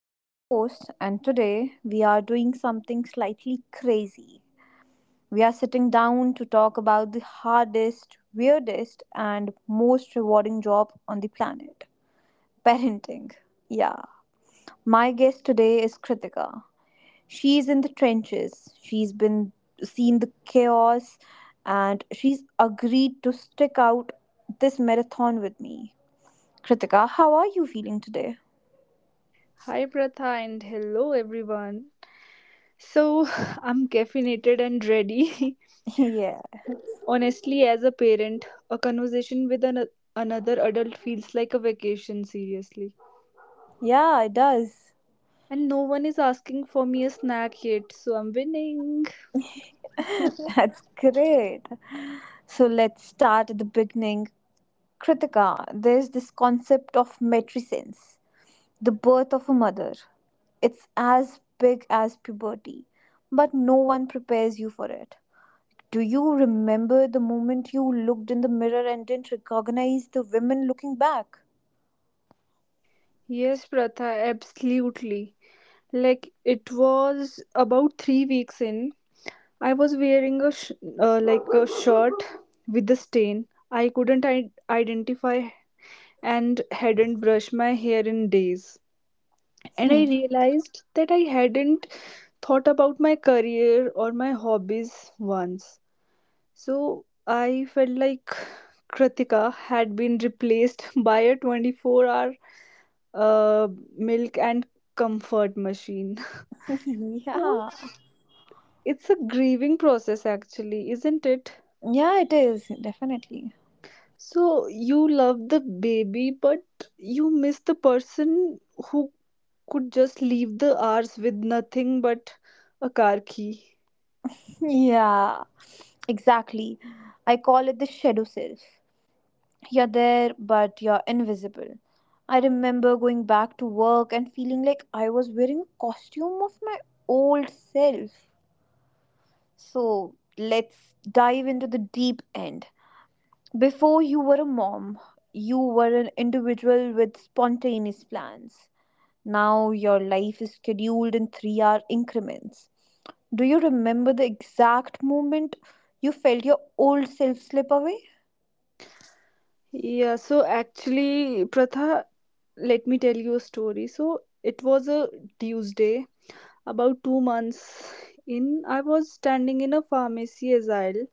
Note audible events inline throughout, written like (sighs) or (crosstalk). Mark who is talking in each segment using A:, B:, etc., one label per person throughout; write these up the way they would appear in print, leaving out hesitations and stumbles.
A: I'm your host, and today we are doing something slightly crazy. We are sitting down to talk about the hardest, weirdest, and most rewarding job on the planet (laughs) parenting. Yeah. My guest today is Kritika. She's in the trenches, she's been seen the chaos, and she's agreed to stick out this marathon with me. Kritika, how are you feeling today?
B: Hi, Pratha, and hello, everyone. So, (laughs) I'm caffeinated and ready.
A: (laughs) Yeah.
B: (laughs) Honestly, as a parent, a conversation with another adult feels like a vacation, seriously.
A: Yeah, it does.
B: And no one is asking for me a snack yet, so I'm winning.
A: (laughs) That's great. So let's start at the beginning. Kritika, there's this concept of matrescence, the birth of a mother. It's as big as puberty, but no one prepares you for it. Do you remember the moment you looked in the mirror and didn't recognize the women looking back?
B: Yes, Pratha, absolutely. Like, it was about 3 weeks in. I was wearing like a shirt with a stain. I identify and hadn't brushed my hair in days. And I
A: Hmm.
B: realized that I hadn't thought about my career or my hobbies once. So I felt like Kritika had been replaced (laughs) by a 24 hour uh, milk and comfort machine. (laughs)
A: (laughs)
B: So
A: Yeah.
B: it's a grieving process, actually, isn't it?
A: Yeah, it is, definitely. (laughs)
B: So you love the baby, but you miss the person who could just leave the hours with nothing but a car key.
A: Yeah, exactly. I call it the shadow self. You're there, but you're invisible. I remember going back to work and feeling like I was wearing a costume of my old self. So let's dive into the deep end. Before you were a mom, you were an individual with spontaneous plans. Now your life is scheduled in 3 hour increments. Do you remember the exact moment you felt your old self slip away? (laughs)
B: Yeah, so actually, Pratha, let me tell you a story. So it was a Tuesday, about 2 months in. I was standing in a pharmacy aisle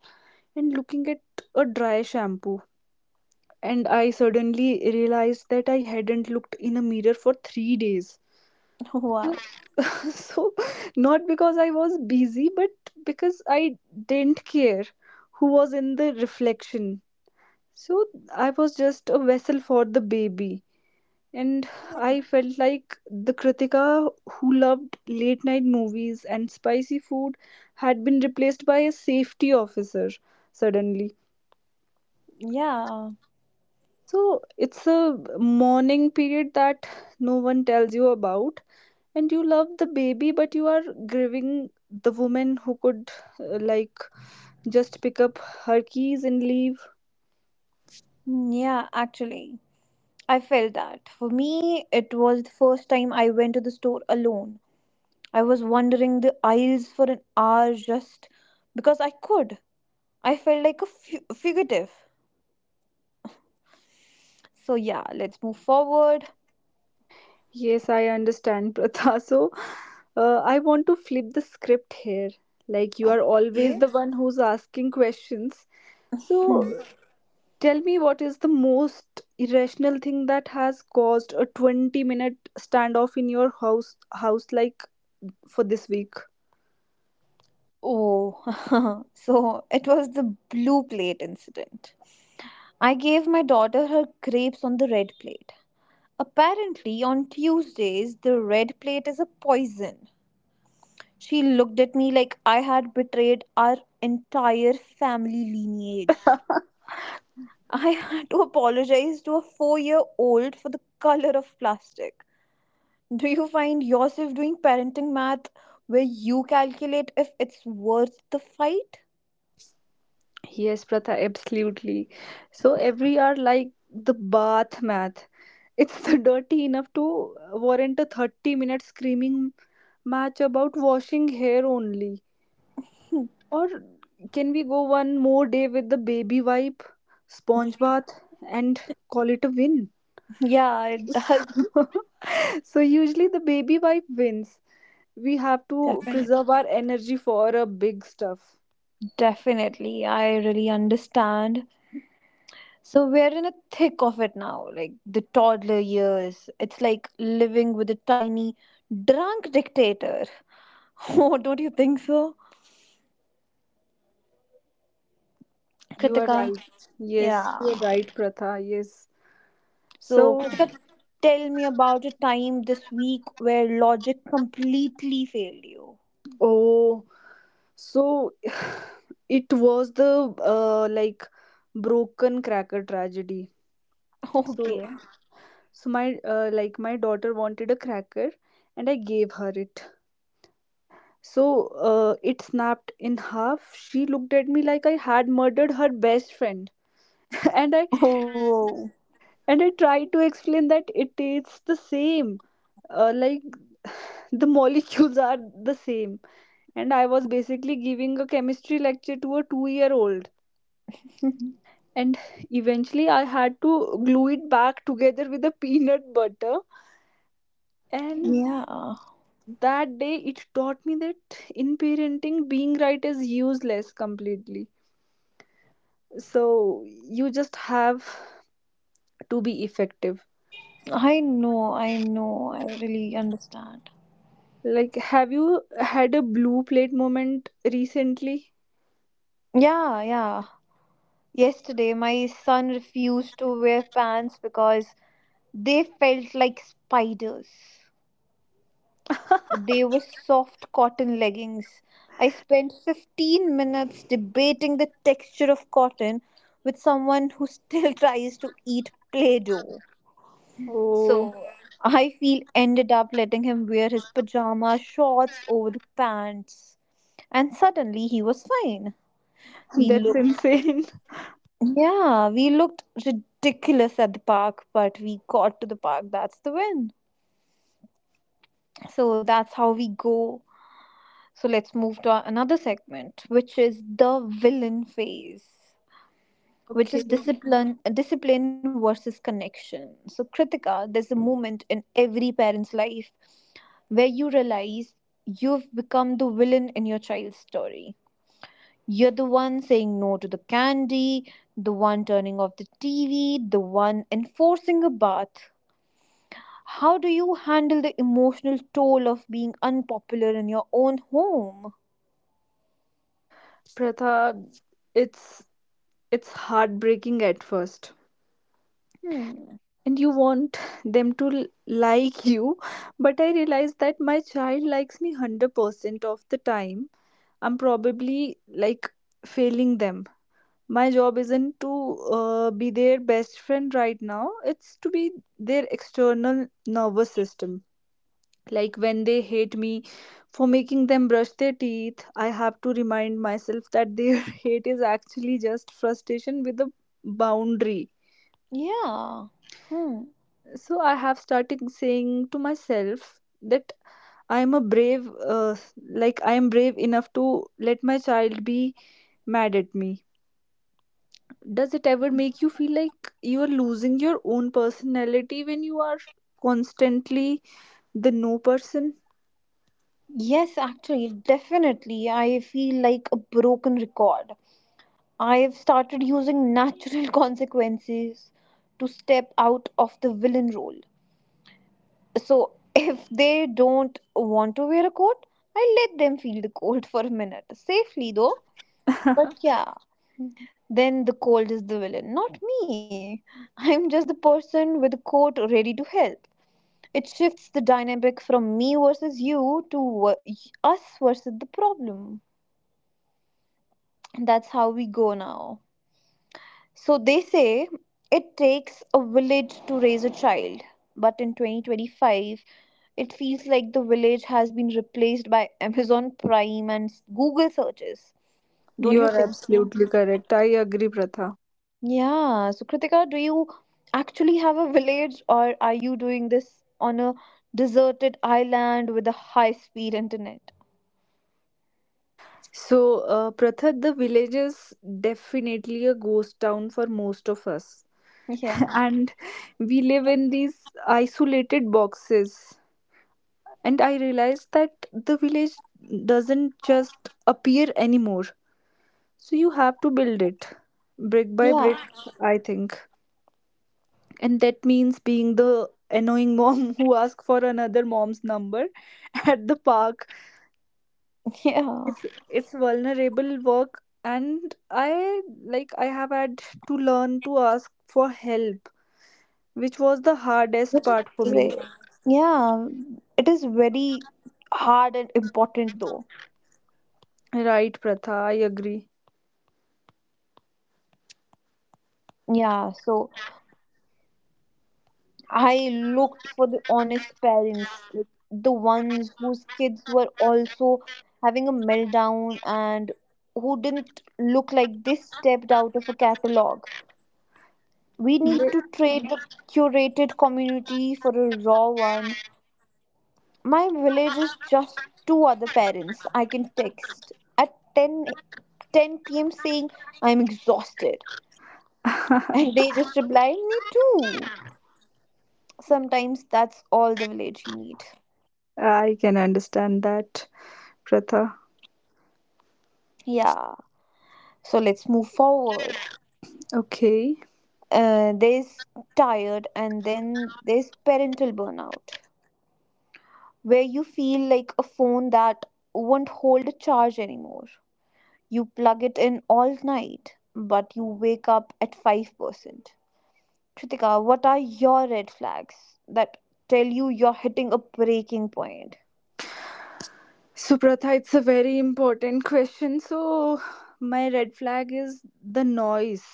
B: and looking at a dry shampoo. And I suddenly realized that I hadn't looked in a mirror for 3 days.
A: Wow.
B: (laughs) So, not because I was busy, but because I didn't care who was in the reflection. So, I was just a vessel for the baby. And I felt like the Kritika who loved late night movies and spicy food had been replaced by a safety officer suddenly.
A: Yeah.
B: So it's a mourning period that no one tells you about. And you love the baby, but you are grieving the woman who could, uh, like, just pick up her keys and leave.
A: Yeah, actually. I felt that. For me, it was the first time I went to the store alone. I was wandering the aisles for an hour just because I could. I felt like a fugitive. So, yeah, let's move forward.
B: Yes, I understand, Pratha. (laughs) So, I want to flip the script here. Like, you are always
A: Yeah.
B: the one who's asking questions.
A: Hmm.
B: So, tell me, what is the most irrational thing that has caused a 20-minute standoff in your house like for this week?
A: Oh, (laughs) so it was the blue plate incident. I gave my daughter her grapes on the red plate. Apparently, on Tuesdays, the red plate is a poison. She looked at me like I had betrayed our entire family lineage. I had to apologize to a 4 year old for the color of plastic. Do you find yourself doing parenting math where you calculate if it's worth the fight?
B: Yes, Pratha, absolutely. So, every hour, like the bath math, it's (laughs) the dirty enough to warrant a 30-minute screaming match about washing hair only? Or can we go one more day with the baby wipe, sponge bath, and call it a win?
A: (laughs) Yeah, it does.
B: (laughs) So, usually the baby wipe wins. We have to
A: Definitely.
B: preserve our energy for a big stuff.
A: Definitely. I really understand. So we're in a thick of it now, like the toddler years. It's like living with a tiny, drunk dictator. (laughs) Oh, don't you think so?
B: You are
A: Kritika.
B: right. Yes,
A: Yeah.
B: you are right, Pratha. Yes.
A: So,
B: So,
A: Kritika, tell me about a time this week where logic completely failed you.
B: oh, so (sighs) it was the broken cracker tragedy.
A: (laughs)
B: So,
A: Okay.
B: so my my daughter wanted a cracker, and I gave her it. So it snapped in half. She looked at me like I had murdered her best friend, (laughs) and I
A: Oh,
B: and I tried to explain that it tastes the same, uh, like the molecules are the same. And I was basically giving a chemistry lecture to a two-year-old. And eventually, I had to glue it back together with a peanut butter. And
A: yeah.
B: that day, it taught me that in parenting, being right is useless completely, so you just have to be effective.
A: I know, I know. I really understand.
B: Like, have you had a blue plate moment recently?
A: Yeah, yeah. Yesterday, my son refused to wear pants because they felt like spiders.
B: (laughs)
A: They were soft cotton leggings. I spent 15 minutes debating the texture of cotton with someone who still (laughs) tries to eat Play Doh.
B: Oh,
A: So I feel ended up letting him wear his pajama shorts over the pants. And suddenly he was fine. We
B: that's
A: looked...
B: insane. (laughs)
A: Yeah, we looked ridiculous at the park, but we got to the park. That's the win. So that's how we go. So let's move to another segment, which is the villain phase, which
B: Okay.
A: is discipline versus connection. So Kritika, there's a moment in every parent's life where you realize you've become the villain in your child's story. You're the one saying no to the candy, the one turning off the TV, the one enforcing a bath. How do you handle the emotional toll of being unpopular in your own home?
B: Pratha, it's it's heartbreaking at first.
A: Hmm.
B: And you want them to like you, but I realize that my child likes me 100% of the time. I'm probably like failing them. My job isn't to be their best friend right now, it's to be their external nervous system. Like when they hate me for making them brush their teeth, I have to remind myself that their (laughs) hate is actually just frustration with a boundary.
A: Yeah. Hmm.
B: So I have started saying to myself that I am a brave, uh, I am brave enough to let my child be mad at me. Does it ever make you feel like you are losing your own personality when you are constantly the no person?
A: Yes, actually, definitely. I feel like a broken record. I have started using natural (laughs) consequences to step out of the villain role. So, if they don't want to wear a coat, I let them feel the cold (laughs) for a minute, safely though. But
B: (laughs)
A: yeah, then the cold is the villain, not me. (laughs) I'm just the person with the coat ready to help. It shifts the dynamic from me versus you to us versus the problem. And that's how we go now. So they say it takes a village to raise a child, but in 2025, it feels like the village has been replaced by Amazon Prime and Google searches. Don't
B: You
A: you
B: are
A: think (sighs) so?
B: absolutely correct. I agree, Pratha.
A: Yeah. So, Kritika, do you actually have a village or are you doing this on a deserted island with a high speed internet?
B: So, Pratha, the village is definitely a ghost town for most of us. (laughs)
A: Yeah.
B: And we live in these isolated boxes. And I realized that the village doesn't just appear anymore. So, you have to build it brick by
A: Yeah.
B: brick,
A: (laughs)
B: I think. And that means being the annoying mom (laughs) who asks for another mom's number (laughs) at the park.
A: Yeah.
B: It's it's vulnerable work, and i I have had to learn to ask for help, which was the hardest part for me.
A: Great. Yeah. It is very hard and important though.
B: Right, Pratha, I agree.
A: Yeah. So, I looked for the honest parents, like the ones whose kids were also having a meltdown and who didn't look like they stepped out of a catalog. We need to trade the curated community for a raw one. My village is just two other parents I can text at 10 p.m. saying I'm exhausted.
B: Yeah.
A: And
B: (laughs)
A: they just reply, me too. Sometimes that's all the village you need.
B: I can understand that, Pratha.
A: Yeah. So let's move forward.
B: Okay,
A: There's tired, and then there's parental burnout, where you feel like a phone that won't hold a charge anymore. You plug it in all night, but you wake up at 5%. Kritika, what are your red flags that tell you you're hitting a breaking point?
B: so Pratha, it's a very important question. So my red flag is the noise.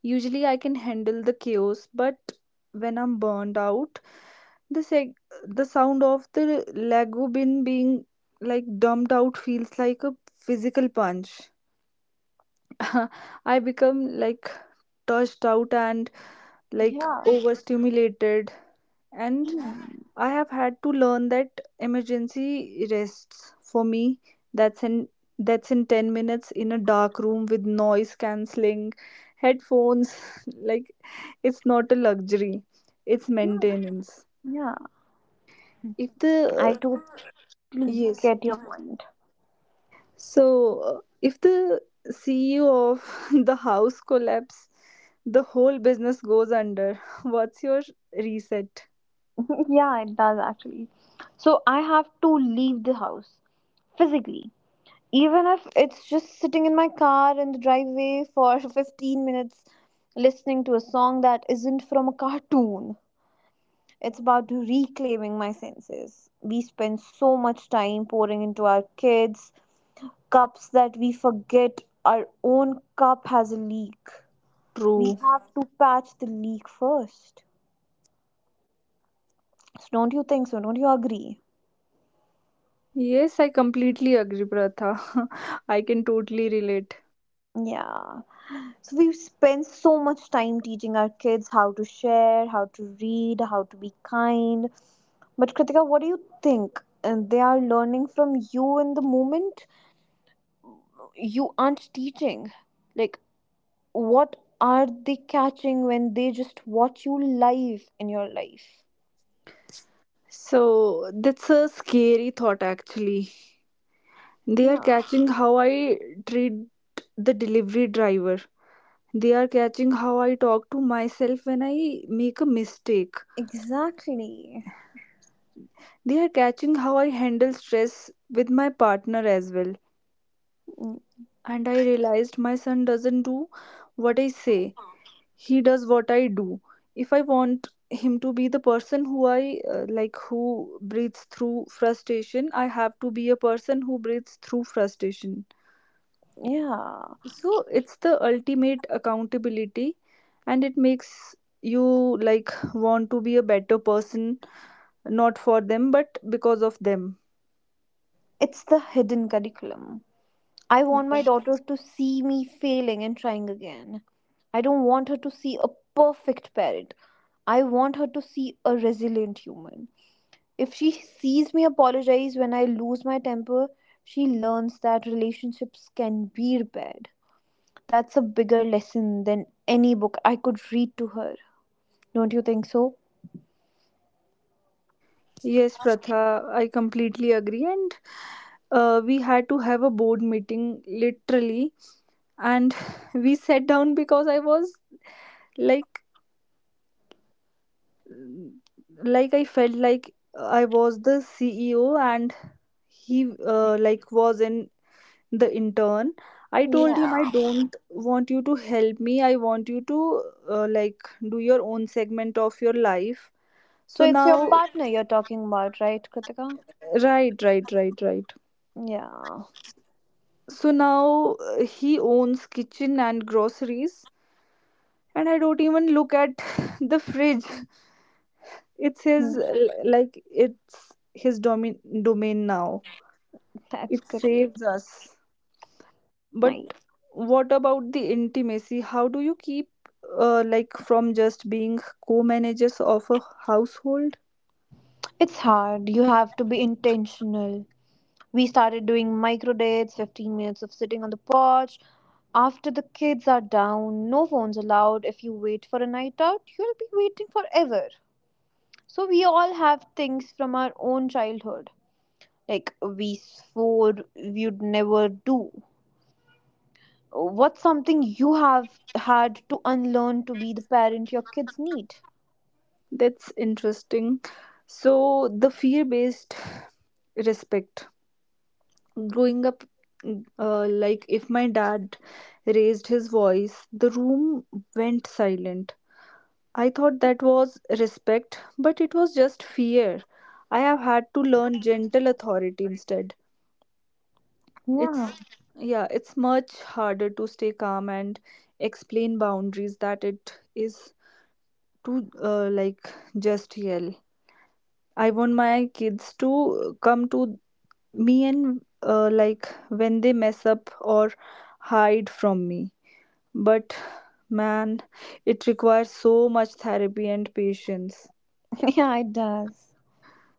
B: Usually, I can handle the chaos, but when I'm burned out, the seg- the sound of the Lego bin being like dumped out feels like a physical punch. (laughs) I become like touched out and like
A: Yeah.
B: overstimulated, and
A: Hmm.
B: I have had to learn that emergency rests for me that's in that's in 10 minutes in a dark room with noise cancelling headphones. (laughs) Like, it's not a luxury, it's maintenance.
A: Yeah.
B: If the
A: I
B: uh,
A: do
B: yes,
A: get your point.
B: so if the CEO of (laughs) the house collapse, the whole business goes under. (laughs) What's your reset?
A: (laughs) Yeah, it does actually. So I have to leave the house physically. Even if it's just sitting in my car in the driveway for (laughs) 15 minutes listening to a song that isn't from a cartoon. It's about reclaiming my senses. We spend so much time pouring into our kids' cups that we forget our own cup has a leak. We
B: True.
A: have to patch the leak first. So, don't you think so? Don't you agree?
B: Yes, I completely agree, Pratha. (laughs) I can totally relate.
A: Yeah. So we spend so much time teaching our kids how to share, how to read, how to be kind. But Kritika, what do you think? And they are learning from you in the moment. You aren't teaching. Like what are they catching when they just watch you live in your life?
B: So that's a scary thought actually. They are
A: Yeah,
B: catching how I treat the delivery driver. They are catching how I talk to myself when I make a mistake.
A: exactly.
B: They are catching how I handle stress with my partner as well.
A: Mm,
B: And I realized my son doesn't do what I say, he does what I do. If I want him to be the person who who breathes through frustration, I have to be a person who breathes through frustration.
A: yeah,
B: So it's the ultimate accountability, and it makes you like want to be a better person, not for them but because of them.
A: it's the hidden curriculum. I want my daughter to see me failing and trying again. I don't want her to see a perfect parent. I want her to see a resilient human. If she sees me apologize when I lose my temper, she learns that relationships can be repaired. That's a bigger lesson than any book I could read to her. Don't you think so?
B: Yes, Pratha, I completely agree. And we had to have a board meeting literally, and (laughs) (sighs) we sat down because I was like like I felt like I was the CEO and he was an the intern. I told him, I
A: Yeah.
B: don't want you to help me. I want you to uh, like do your own segment of your life.
A: So
B: So
A: it's your
B: now,
A: partner you're talking about, right, Kritika?
B: right, right, right, right.
A: Yeah.
B: So now he owns kitchen and groceries, and I don't even look at (laughs) the fridge. It's
A: Hmm.
B: his, it's his domain now.
A: That's
B: It
A: great.
B: saves us. But
A: Nice.
B: what about the intimacy, how do you keep from just being co-managers of a household?
A: It's hard. You have to be intentional. We started doing micro dates, 15 minutes of sitting on the porch. After the kids are down, no phones allowed. If you wait for a night out, you'll be waiting forever. So we all have things from our own childhood like we swore we'd never do? What's something you have had to unlearn to be the parent your kids need?
B: That's interesting. So the fear based respect growing up, if my dad raised his voice the room went silent. I thought that was respect but it was just fear. I have had to learn gentle authority instead.
A: Yeah.
B: It's Yeah, it's much harder to stay calm and explain boundaries that it is to just yell. I want my kids to come to me, and when they mess up or hide from me. But man, it requires so much therapy and patience.
A: (laughs) Yeah, it does.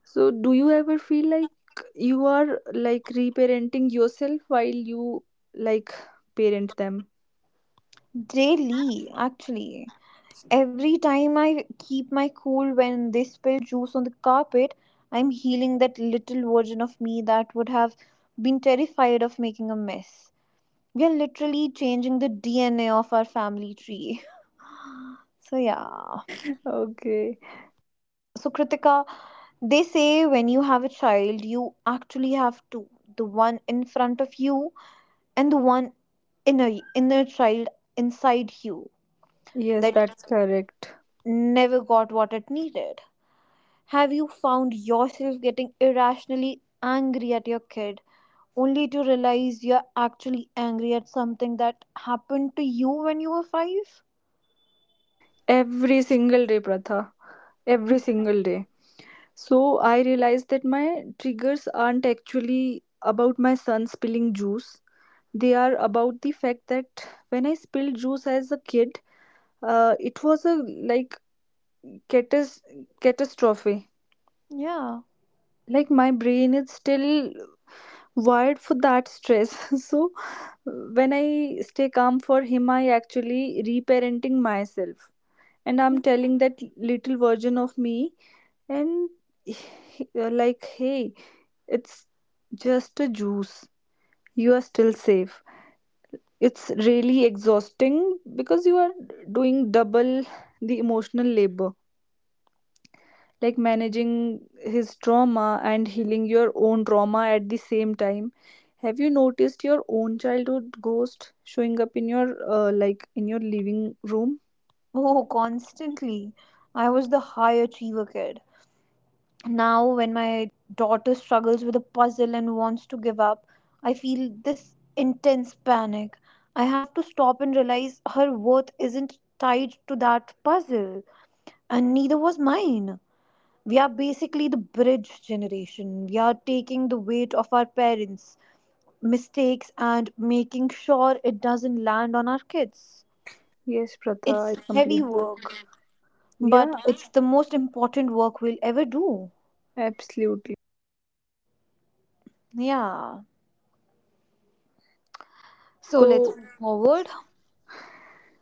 B: So, do you ever feel like you are like reparenting yourself while you like parent them?
A: Daily, actually. Every time I keep my cool when they spill juice on the carpet, I'm healing that little version of me that would have been terrified of making a mess. We are literally changing the DNA of our family tree. (laughs) So, yeah.
B: (laughs) Okay.
A: So, Kritika, they say when you have a child, you actually have two: the one in front of you and the one inner, inner child inside you
B: Yes,
A: that
B: that's correct.
A: never got what it needed. Have you found yourself getting irrationally angry at your kid only to realize you're actually angry at something that happened to you when you were five?
B: Every single day, Pratha. Every single day. So I realized that my triggers aren't actually about my son spilling juice. They are about the fact that when I spilled juice as a kid, it was a like catas- catastrophe.
A: Yeah.
B: Like my brain is still wired for that stress. (laughs) So when I stay calm for him, I actually reparenting myself, and I'm telling that little version of me and (sighs) (laughs) you're like, hey, it's just a juice, you are still safe. It's really exhausting because you are doing double the emotional labor, like managing his trauma and healing your own trauma at the same time. Have you noticed your own childhood ghost showing up in your in your living room?
A: Oh, constantly. I was the high achiever kid. Now when my daughter struggles with a puzzle and wants to give up, I feel this intense panic. I have to stop and realize her worth isn't tied to that puzzle, and neither was mine. We are basically the bridge generation. We are taking the weight of our parents' mistakes and making sure it doesn't land on our kids.
B: Yes, Pratha, I
A: It's heavy
B: completely.
A: work, but
B: Yeah,
A: it's the most important work we'll ever do.
B: absolutely.
A: Yeah, so let's
B: So,
A: move forward.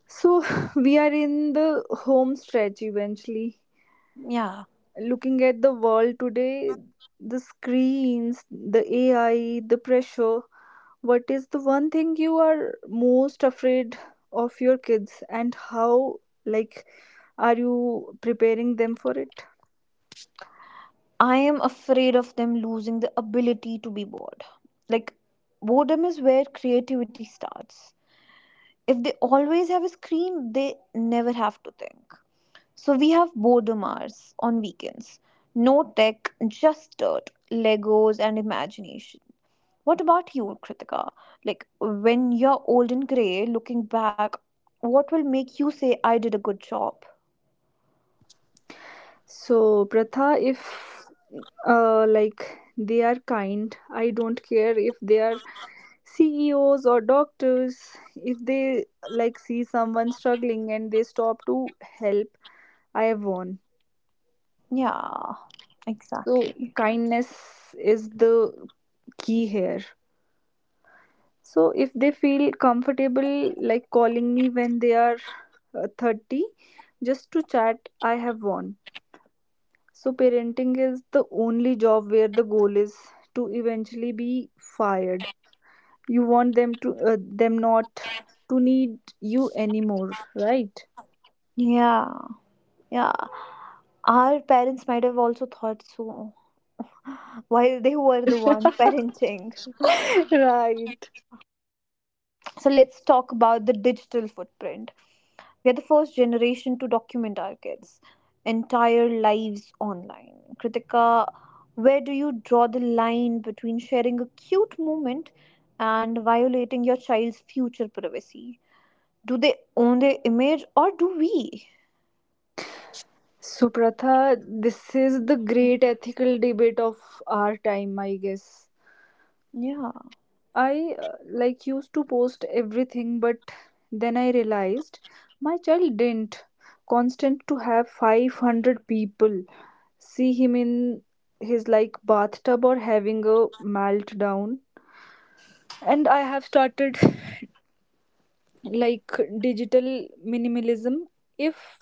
B: so (laughs) we are in the home stretch eventually.
A: Yeah,
B: Looking at the world today, the screens, the AI, the pressure. What is the one thing you are most afraid of your kids, and how, like, are you preparing them for it?
A: I am afraid of them losing the ability to be bored. Like, boredom is where creativity starts. If they always have a screen, they never have to think. So, we have boredom hours on weekends. No tech, just dirt, Legos, and imagination. What about you, Kritika? Like, when you're old and grey, looking back, what will make you say, I did a good job?
B: So, Pratha, if they are kind, I don't care if they are CEOs or doctors, if they like see someone struggling and they stop to help, I have won.
A: Yeah,
B: So,
A: exactly.
B: kindness is the key here. So, if they feel comfortable like calling me when they are 30 just to chat, I have won. So, parenting is the only job where the goal is to eventually be fired. You want them to them not to need you anymore, right?
A: Yeah, yeah. Our parents might have also thought so (laughs) while they were the ones (laughs) parenting.
B: (laughs) Right.
A: So let's talk about the digital footprint. We are the first generation to document our kids' entire lives online. Kritika, where do you draw the line between sharing a cute moment and violating your child's future privacy? Do they own their image or do we?
B: So, Pratha, this is the great ethical debate of our time, I guess.
A: Yeah,
B: I used to post everything, but then I realized my child didn't. Constant to have 500 people see him in his like bathtub or having a meltdown. And I have started (laughs) like digital minimalism. If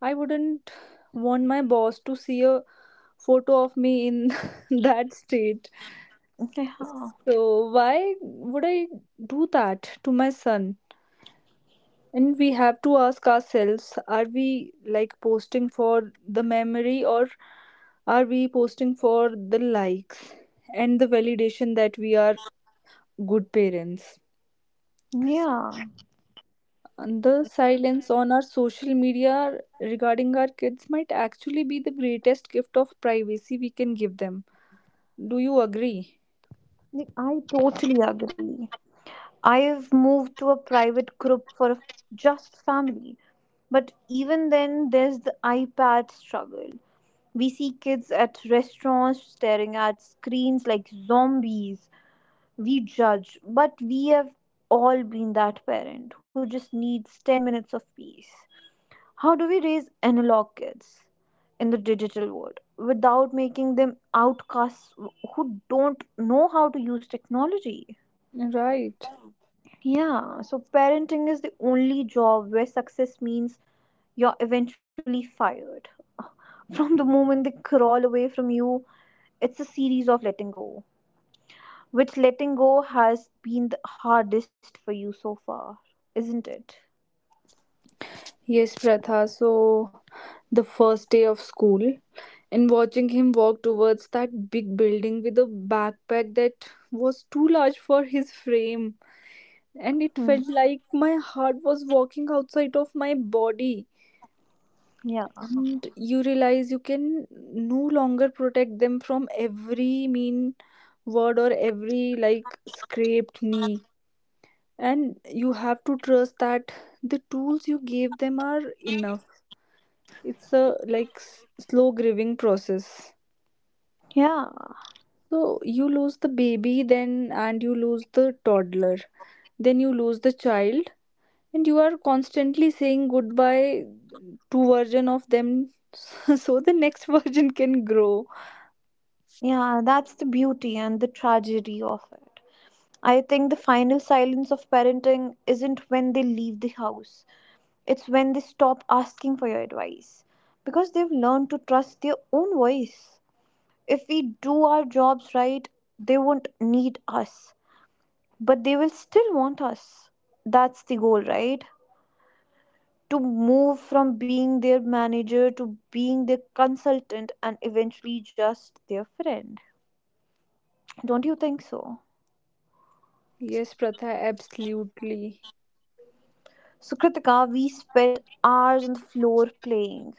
B: I wouldn't want my boss to see a photo of me in (laughs) that state,
A: yeah,
B: so why would I do that to my son? And we have to ask ourselves, are we like posting for the memory or are we posting for the likes and the validation that we are good parents?
A: yeah.
B: And the silence on our social media regarding our kids might actually be the greatest gift of privacy we can give them. Do you agree?
A: Like, I totally agree. I've moved to a private group for just family. But even then, there's the iPad struggle. We see kids at restaurants staring at screens like zombies. We judge, but we have all been that parent who just needs 10 minutes of peace. How do we raise analog kids in the digital world without making them outcasts who don't know how to use technology?
B: Right.
A: Yeah, so parenting is the only job where success means you're eventually fired. (laughs) From the moment they crawl away from you, it's a series of letting go. Which letting go has been the hardest for you so far, isn't it?
B: Yes, Pratha. So, the first day of school, and watching him walk towards that big building with a backpack that was too large for his frame, and it
A: Hmm.
B: felt like my heart was walking outside of my body.
A: Yeah.
B: And you realize you can no longer protect them from every mean word or every like scraped knee, and you have to trust that the tools you gave them are enough. It's a like slow grieving process.
A: Yeah.
B: So you lose the baby, then and you lose the toddler, then you lose the child, and you are constantly saying goodbye to version of them, (laughs) so the next (laughs) version can grow.
A: Yeah, that's the beauty and the tragedy of it. I think the final silence of parenting isn't when they leave the house. It's when they stop asking for your advice because they've learned to trust their own voice. If we do our jobs right, they won't need us, but they will still want us. That's the goal, right? To move from being their manager to being their consultant and eventually just their friend. Don't you think so?
B: Yes, Pratha, absolutely.
A: So, Kritika, we spent hours on the floor playing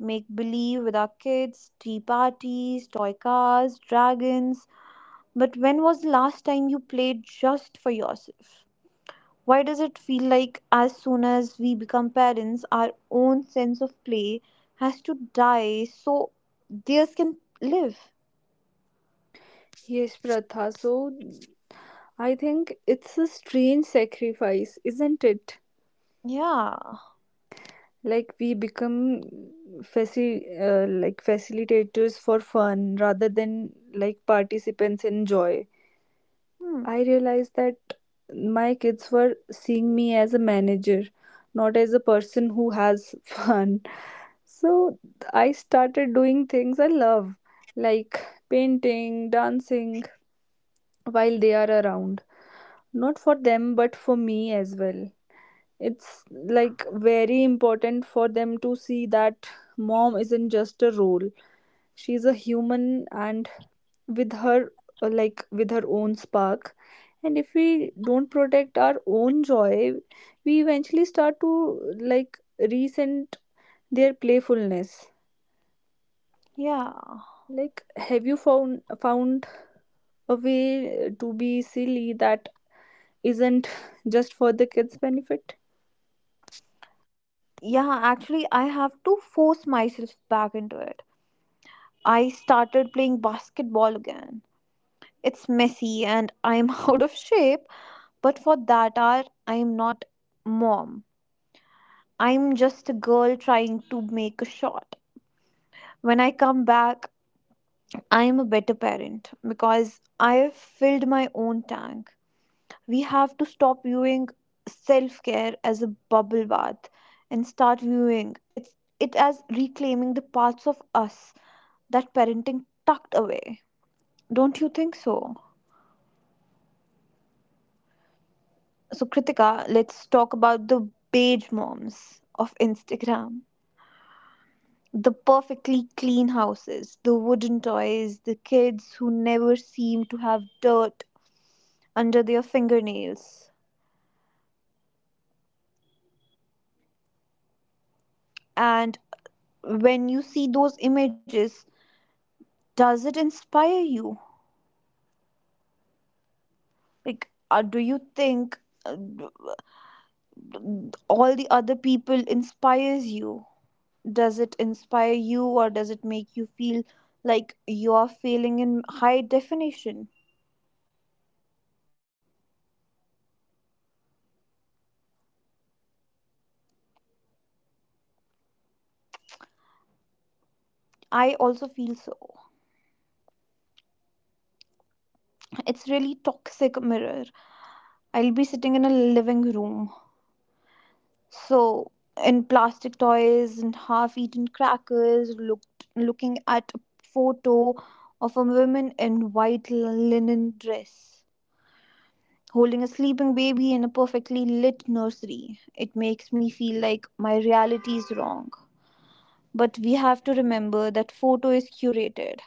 A: make believe with our kids, tea parties, toy cars, dragons. But when was the last time you played just for yourself? Why does it feel like as soon as we become parents, our own sense of play has to die so theirs can live?
B: Yes, Pratha, so I think it's a strange sacrifice, isn't it?
A: Yeah.
B: Like we become facilitators for fun rather than like participants in joy.
A: Hmm.
B: I realized that my kids were seeing me as a manager, not as a person who has (laughs) fun. So I started doing things I love, like painting, dancing, while they are around, not for them but for me as well. It's like very important for them to see that mom isn't just a role, she's a human, and with her with her own spark. And if we don't protect our own joy, we eventually start to like resent their playfulness.
A: Yeah.
B: Like, have you found a way to be silly that isn't just for the kids benefit?
A: Yeah, actually, I have to force myself back into it. I started playing basketball again. It's messy and I'm (laughs) out of shape, but for that hour, I'm not mom. I'm just a girl trying to make a shot. When I come back, I'm a better parent because I have filled my own tank. We have to stop viewing self care as a bubble bath and start viewing it as reclaiming the parts of us that parenting tucked away. Don't you think so? So, Kritika, let's talk about the beige moms of Instagram, the perfectly clean houses, the wooden toys, the kids who never seem to have dirt under their fingernails. And when you see those images, does it inspire you? Like, do you think uh, all the other people inspires you? Does it inspire you, or does it make you feel like you are failing in high definition? I also feel so. It's really toxic mirror. I'll be sitting in a living room. So in plastic toys and half-eaten crackers, looked looking at a photo of a woman in white linen dress holding a sleeping baby in a perfectly lit nursery. It makes me feel like my reality is wrong. But we have to remember that photo is curated.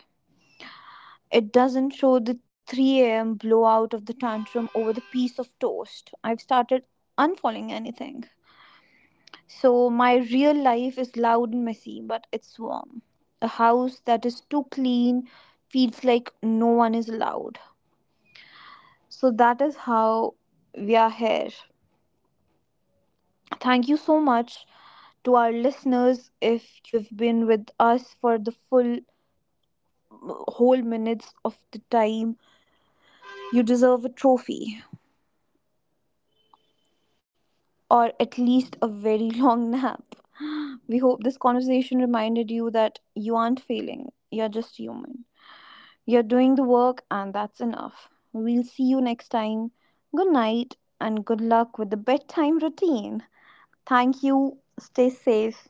A: It doesn't show the 3 a.m. blowout of the tantrum over the piece of toast. I've started unfollowing anything. So my real life is loud and messy, but it's warm. A house that is too clean feels like no one is allowed. So that is how we are here. Thank you so much to our listeners if you've been with us for the full whole minutes of the time. You deserve a trophy, or at least a very (laughs) long nap. (gasps) We hope this conversation reminded you that you aren't failing, you're just human. You're doing the work, and that's enough. We'll see you next time. Good night, and good luck with the bedtime routine. Thank you. Stay safe.